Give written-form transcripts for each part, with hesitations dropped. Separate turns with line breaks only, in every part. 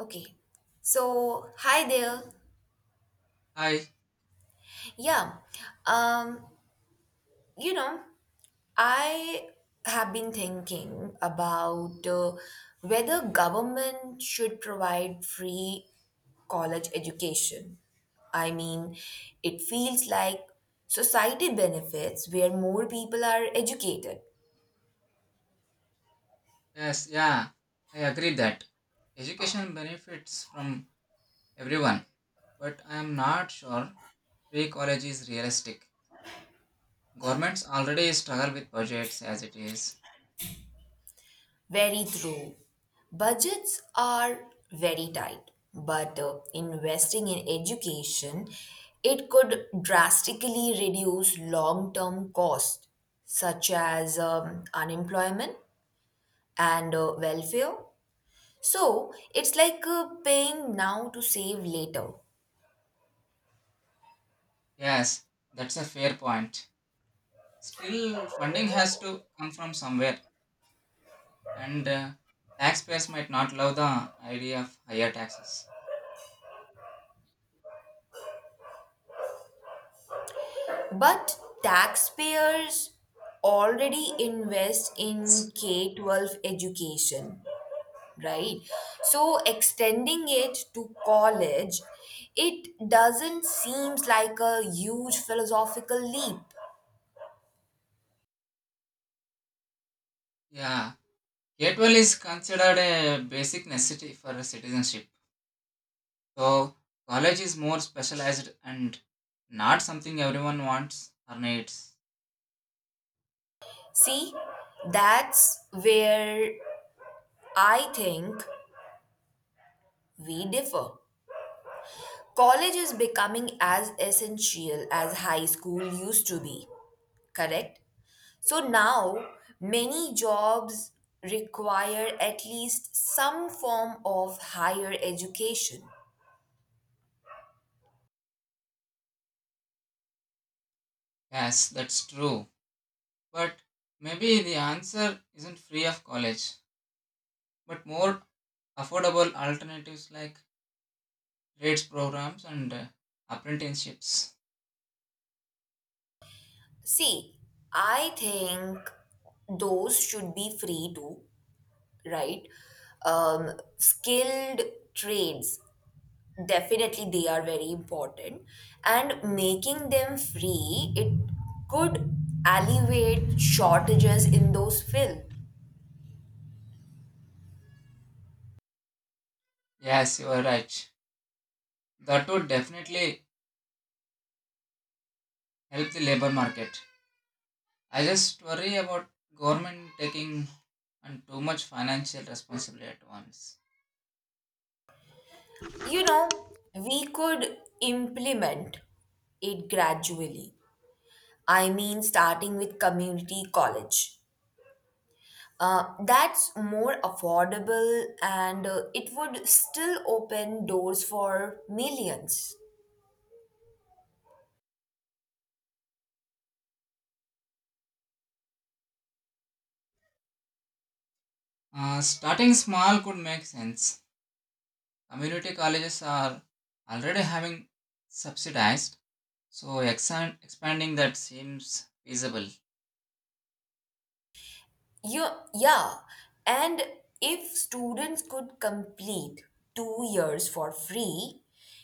Okay. So, hi there.
I
Yeah. Um, you know, I have been thinking about whether government should provide free college education. I mean, it feels like society benefits where more people are educated.
yes, yeah, I agree that education benefits from everyone, but I am not sure free college is realistic. Governments already struggle with budgets as it is.
Very true. Budgets are very tight, but investing in education, it could drastically reduce long-term costs such as unemployment and welfare. So it's like paying now to save later.
Yes, that's a fair point. Still, funding has to come from somewhere, and taxpayers might not love the idea of higher taxes.
But taxpayers already invest in K-12 education, right? So extending it to college, it doesn't seems like a huge philosophical leap.
Yeah, K-12 is considered a basic necessity for citizenship. So college is more specialized and not something everyone wants or needs.
See, that's where I think we differ. College is becoming as essential as high school used to be, correct? So now many jobs require at least some form of higher education.
Yes, that's true. But maybe the answer isn't free of college, but more affordable alternatives like trades programs and apprenticeships.
See, I think those should be free too, right? Skilled trades, definitely they are very important. And making them free, it could alleviate shortages in those fields.
Yes, you are right. That would definitely help the labor market. I just worry about government taking on too much financial responsibility at once.
You know, we could implement it gradually. I mean, starting with community college. That's more affordable and it would still open doors for millions.
Starting small could make sense. Community colleges are already having subsidized, so expanding that seems feasible.
Yeah, yeah. And if students could complete 2 years for free,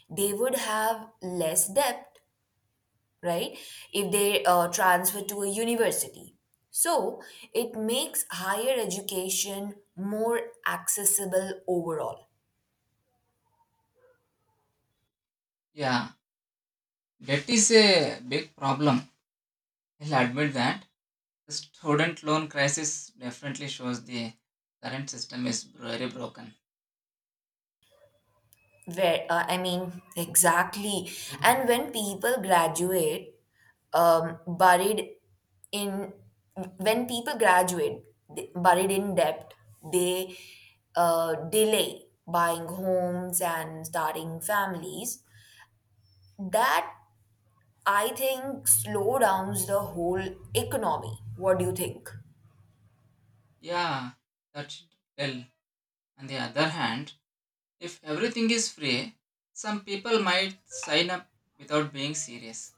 they would have less debt, right? If they transfer to a university. So it makes higher education more accessible overall.
Yeah, debt is a big problem. I'll admit that. The student loan crisis definitely shows the current system is very broken.
I mean, exactly. And um, buried in, when people graduate, buried in debt, they delay buying homes and starting families. That, I think, slow downs the whole economy. What do you think?
Yeah, that should tell. On the other hand, if everything is free, some people might sign up without being serious.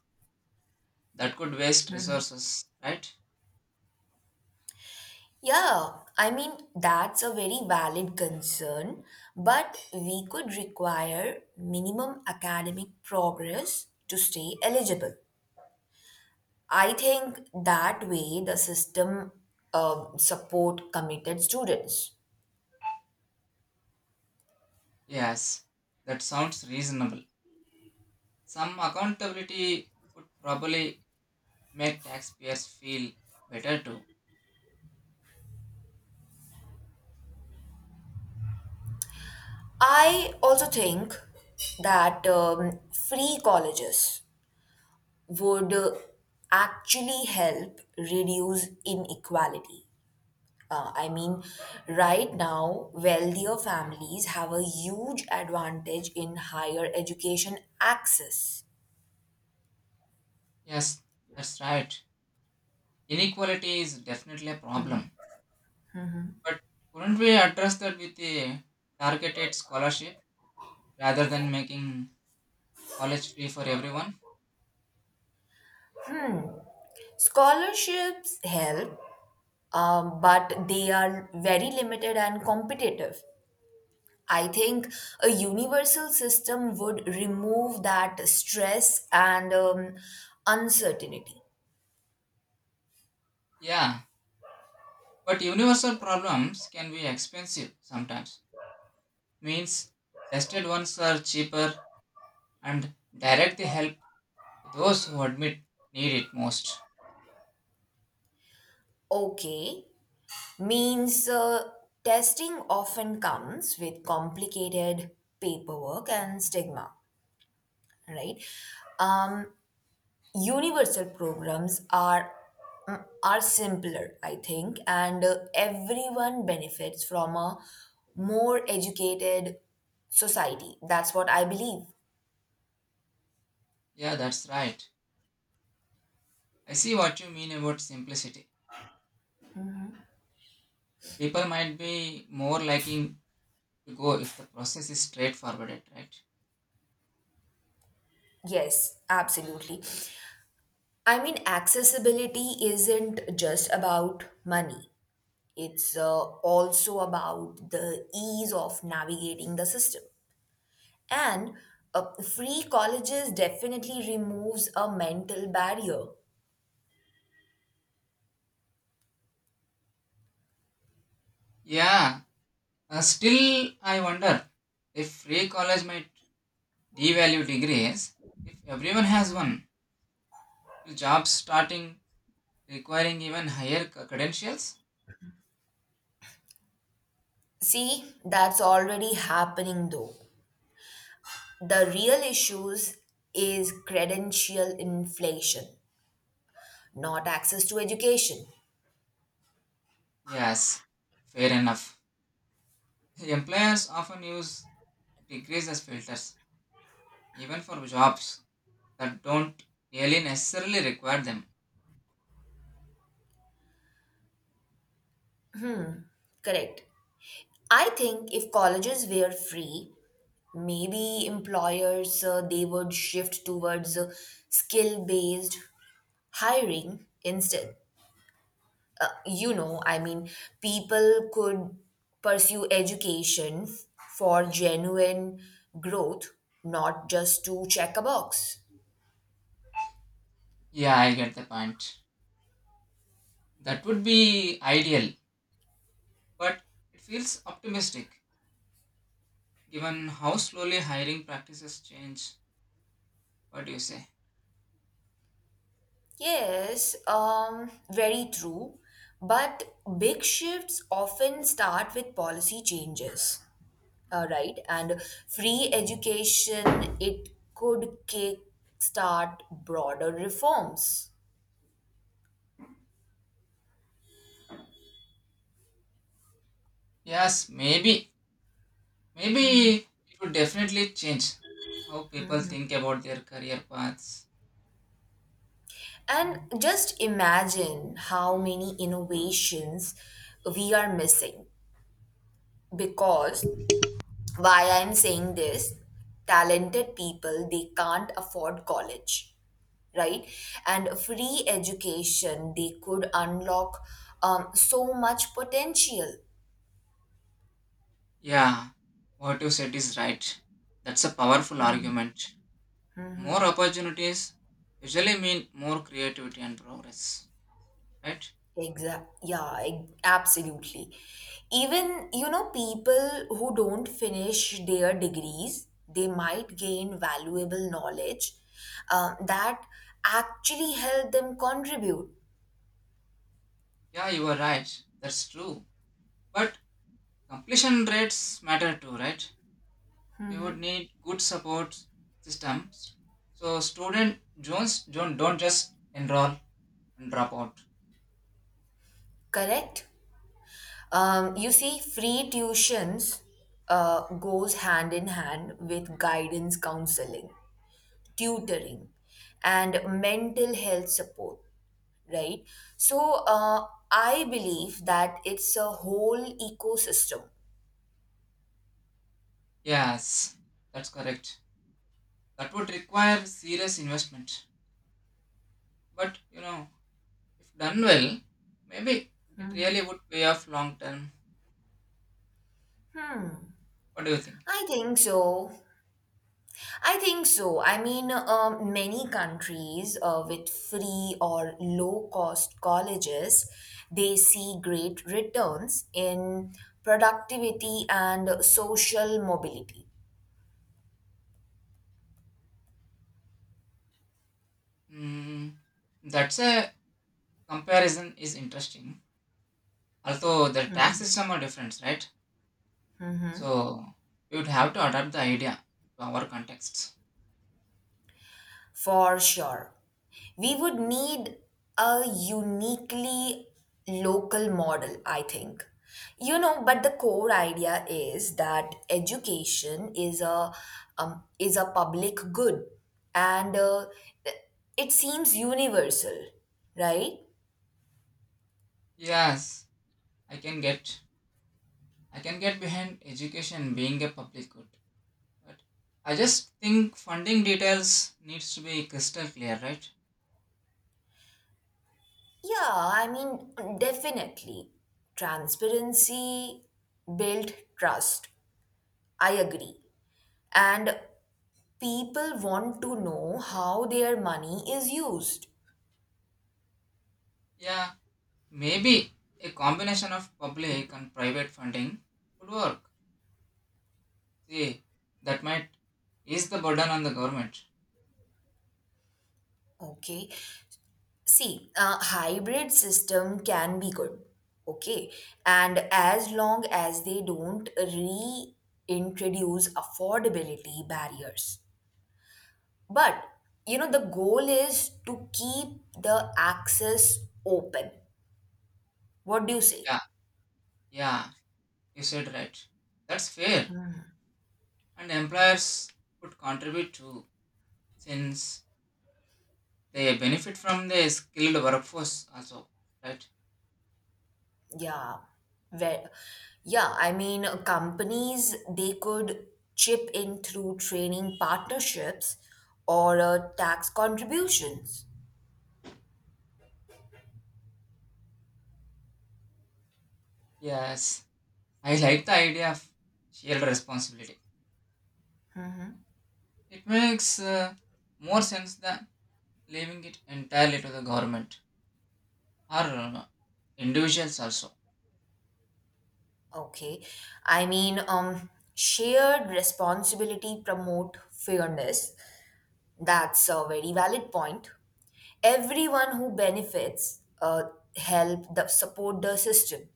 That could waste resources, right?
Yeah, I mean, that's a very valid concern, but we could require minimum academic progress to stay eligible. I think that way the system support committed students.
Yes, that sounds reasonable. Some accountability would probably make taxpayers feel better too.
I also think that free colleges would actually help reduce inequality. I mean, right now, wealthier families have a huge advantage in higher education access.
Yes, that's right. Inequality is definitely a problem. But couldn't we address that with a targeted scholarship rather than making college free for everyone?
Scholarships help, but they are very limited and competitive. I think a universal system would remove that stress and uncertainty.
Yeah, but universal problems can be expensive sometimes. Means tested ones are cheaper and direct the help to those who admit need it most.
Okay, means testing often comes with complicated paperwork and stigma, right? Um, Universal programs are are simpler, I think, and everyone benefits from a more educated society. That's what I believe.
Yeah, that's right. I see what you mean about simplicity. People might be more liking to go if the process is straightforward, right?
Yes, absolutely. I mean, accessibility isn't just about money. It's also about the ease of navigating the system. And free colleges definitely removes a mental barrier.
Yeah. Still, I wonder if free college might devalue degrees. If everyone has one, will jobs starting requiring even higher credentials?
See, that's already happening though. The real issues is credential inflation, not access to education.
Yes, fair enough. Employers often use degrees as filters, even for jobs that don't really necessarily require them.
Correct. I think if colleges were free, maybe employers they would shift towards skill-based hiring instead. I mean, people could pursue education for genuine growth, not just to check a box.
Yeah, I get the point. That would be ideal, but it feels optimistic, given how slowly hiring practices change. What do you say?
Yes, very true. But big shifts often start with policy changes, right? And free education, it could kickstart broader reforms.
Yes, maybe it would definitely change how people think about their career paths.
And just imagine how many innovations we are missing because, why I'm saying this, talented people, they can't afford college, right? And free education, they could unlock so much potential.
Yeah, what you said is right. That's a powerful argument. More opportunities usually mean more creativity and progress, right?
Exact. Yeah, absolutely. Even, you know, people who don't finish their degrees, they might gain valuable knowledge that actually help them contribute,
Yeah, you are right, that's true. But completion rates matter too, right? We would need good support systems so student jones don't just enroll and drop out.
correct? You see, free tuitions goes hand in hand with guidance counseling, tutoring, and mental health support, right? So I believe that it's a whole ecosystem.
Yes, that's correct. That would require serious investment, but you know, if done well, maybe it really would pay off long term. What do you think?
I think so i think so I mean, many countries with free or low cost colleges, they see great returns in productivity and social mobility.
Hmm, that's a comparison is interesting, although the tax system are different, right? So we would have to adapt the idea to our context.
For sure. We would need a uniquely local model, I think. You know, but the core idea is that education is a public good, and it seems universal, right?
Yes, i can get I can get behind education being a public good, but I just think funding details needs to be crystal clear, right?
Yeah, I mean, definitely. Transparency built trust. I agree. And people want to know how their money is used.
Yeah, maybe a combination of public and private funding could work. See, that might ease the burden on the government.
Okay, see, a hybrid system can be good. Okay. And as long as they don't reintroduce affordability barriers. But you know, the goal is to keep the access open. What do you say?
Yeah, yeah, you said right. That's fair, and employers could contribute too, since they benefit from the skilled workforce also, right?
Yeah. Well, yeah, I mean, companies, they could chip in through training partnerships or tax contributions.
Yes, I like the idea of shared responsibility. It makes more sense than leaving it entirely to the government or uh, individuals also.
Okay. I mean, shared responsibility promote fairness. That's a very valid point. Everyone who benefits help the support the system.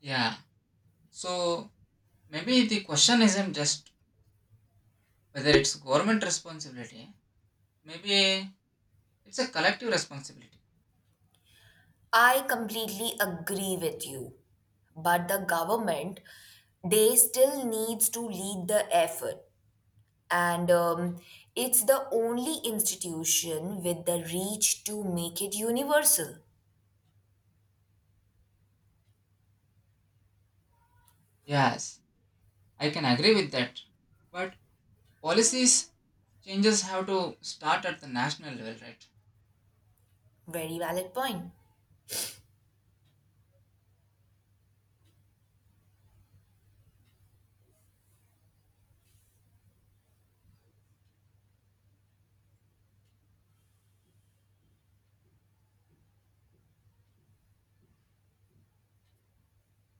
Yeah. So maybe the question isn't just whether it's government responsibility. Maybe it's a collective responsibility.
I completely agree with you. But the government, they still needs to lead the effort. And it's the only institution with the reach to make it universal.
Yes, I can agree with that. But policies changes have to start at the national level, right?
Very valid point.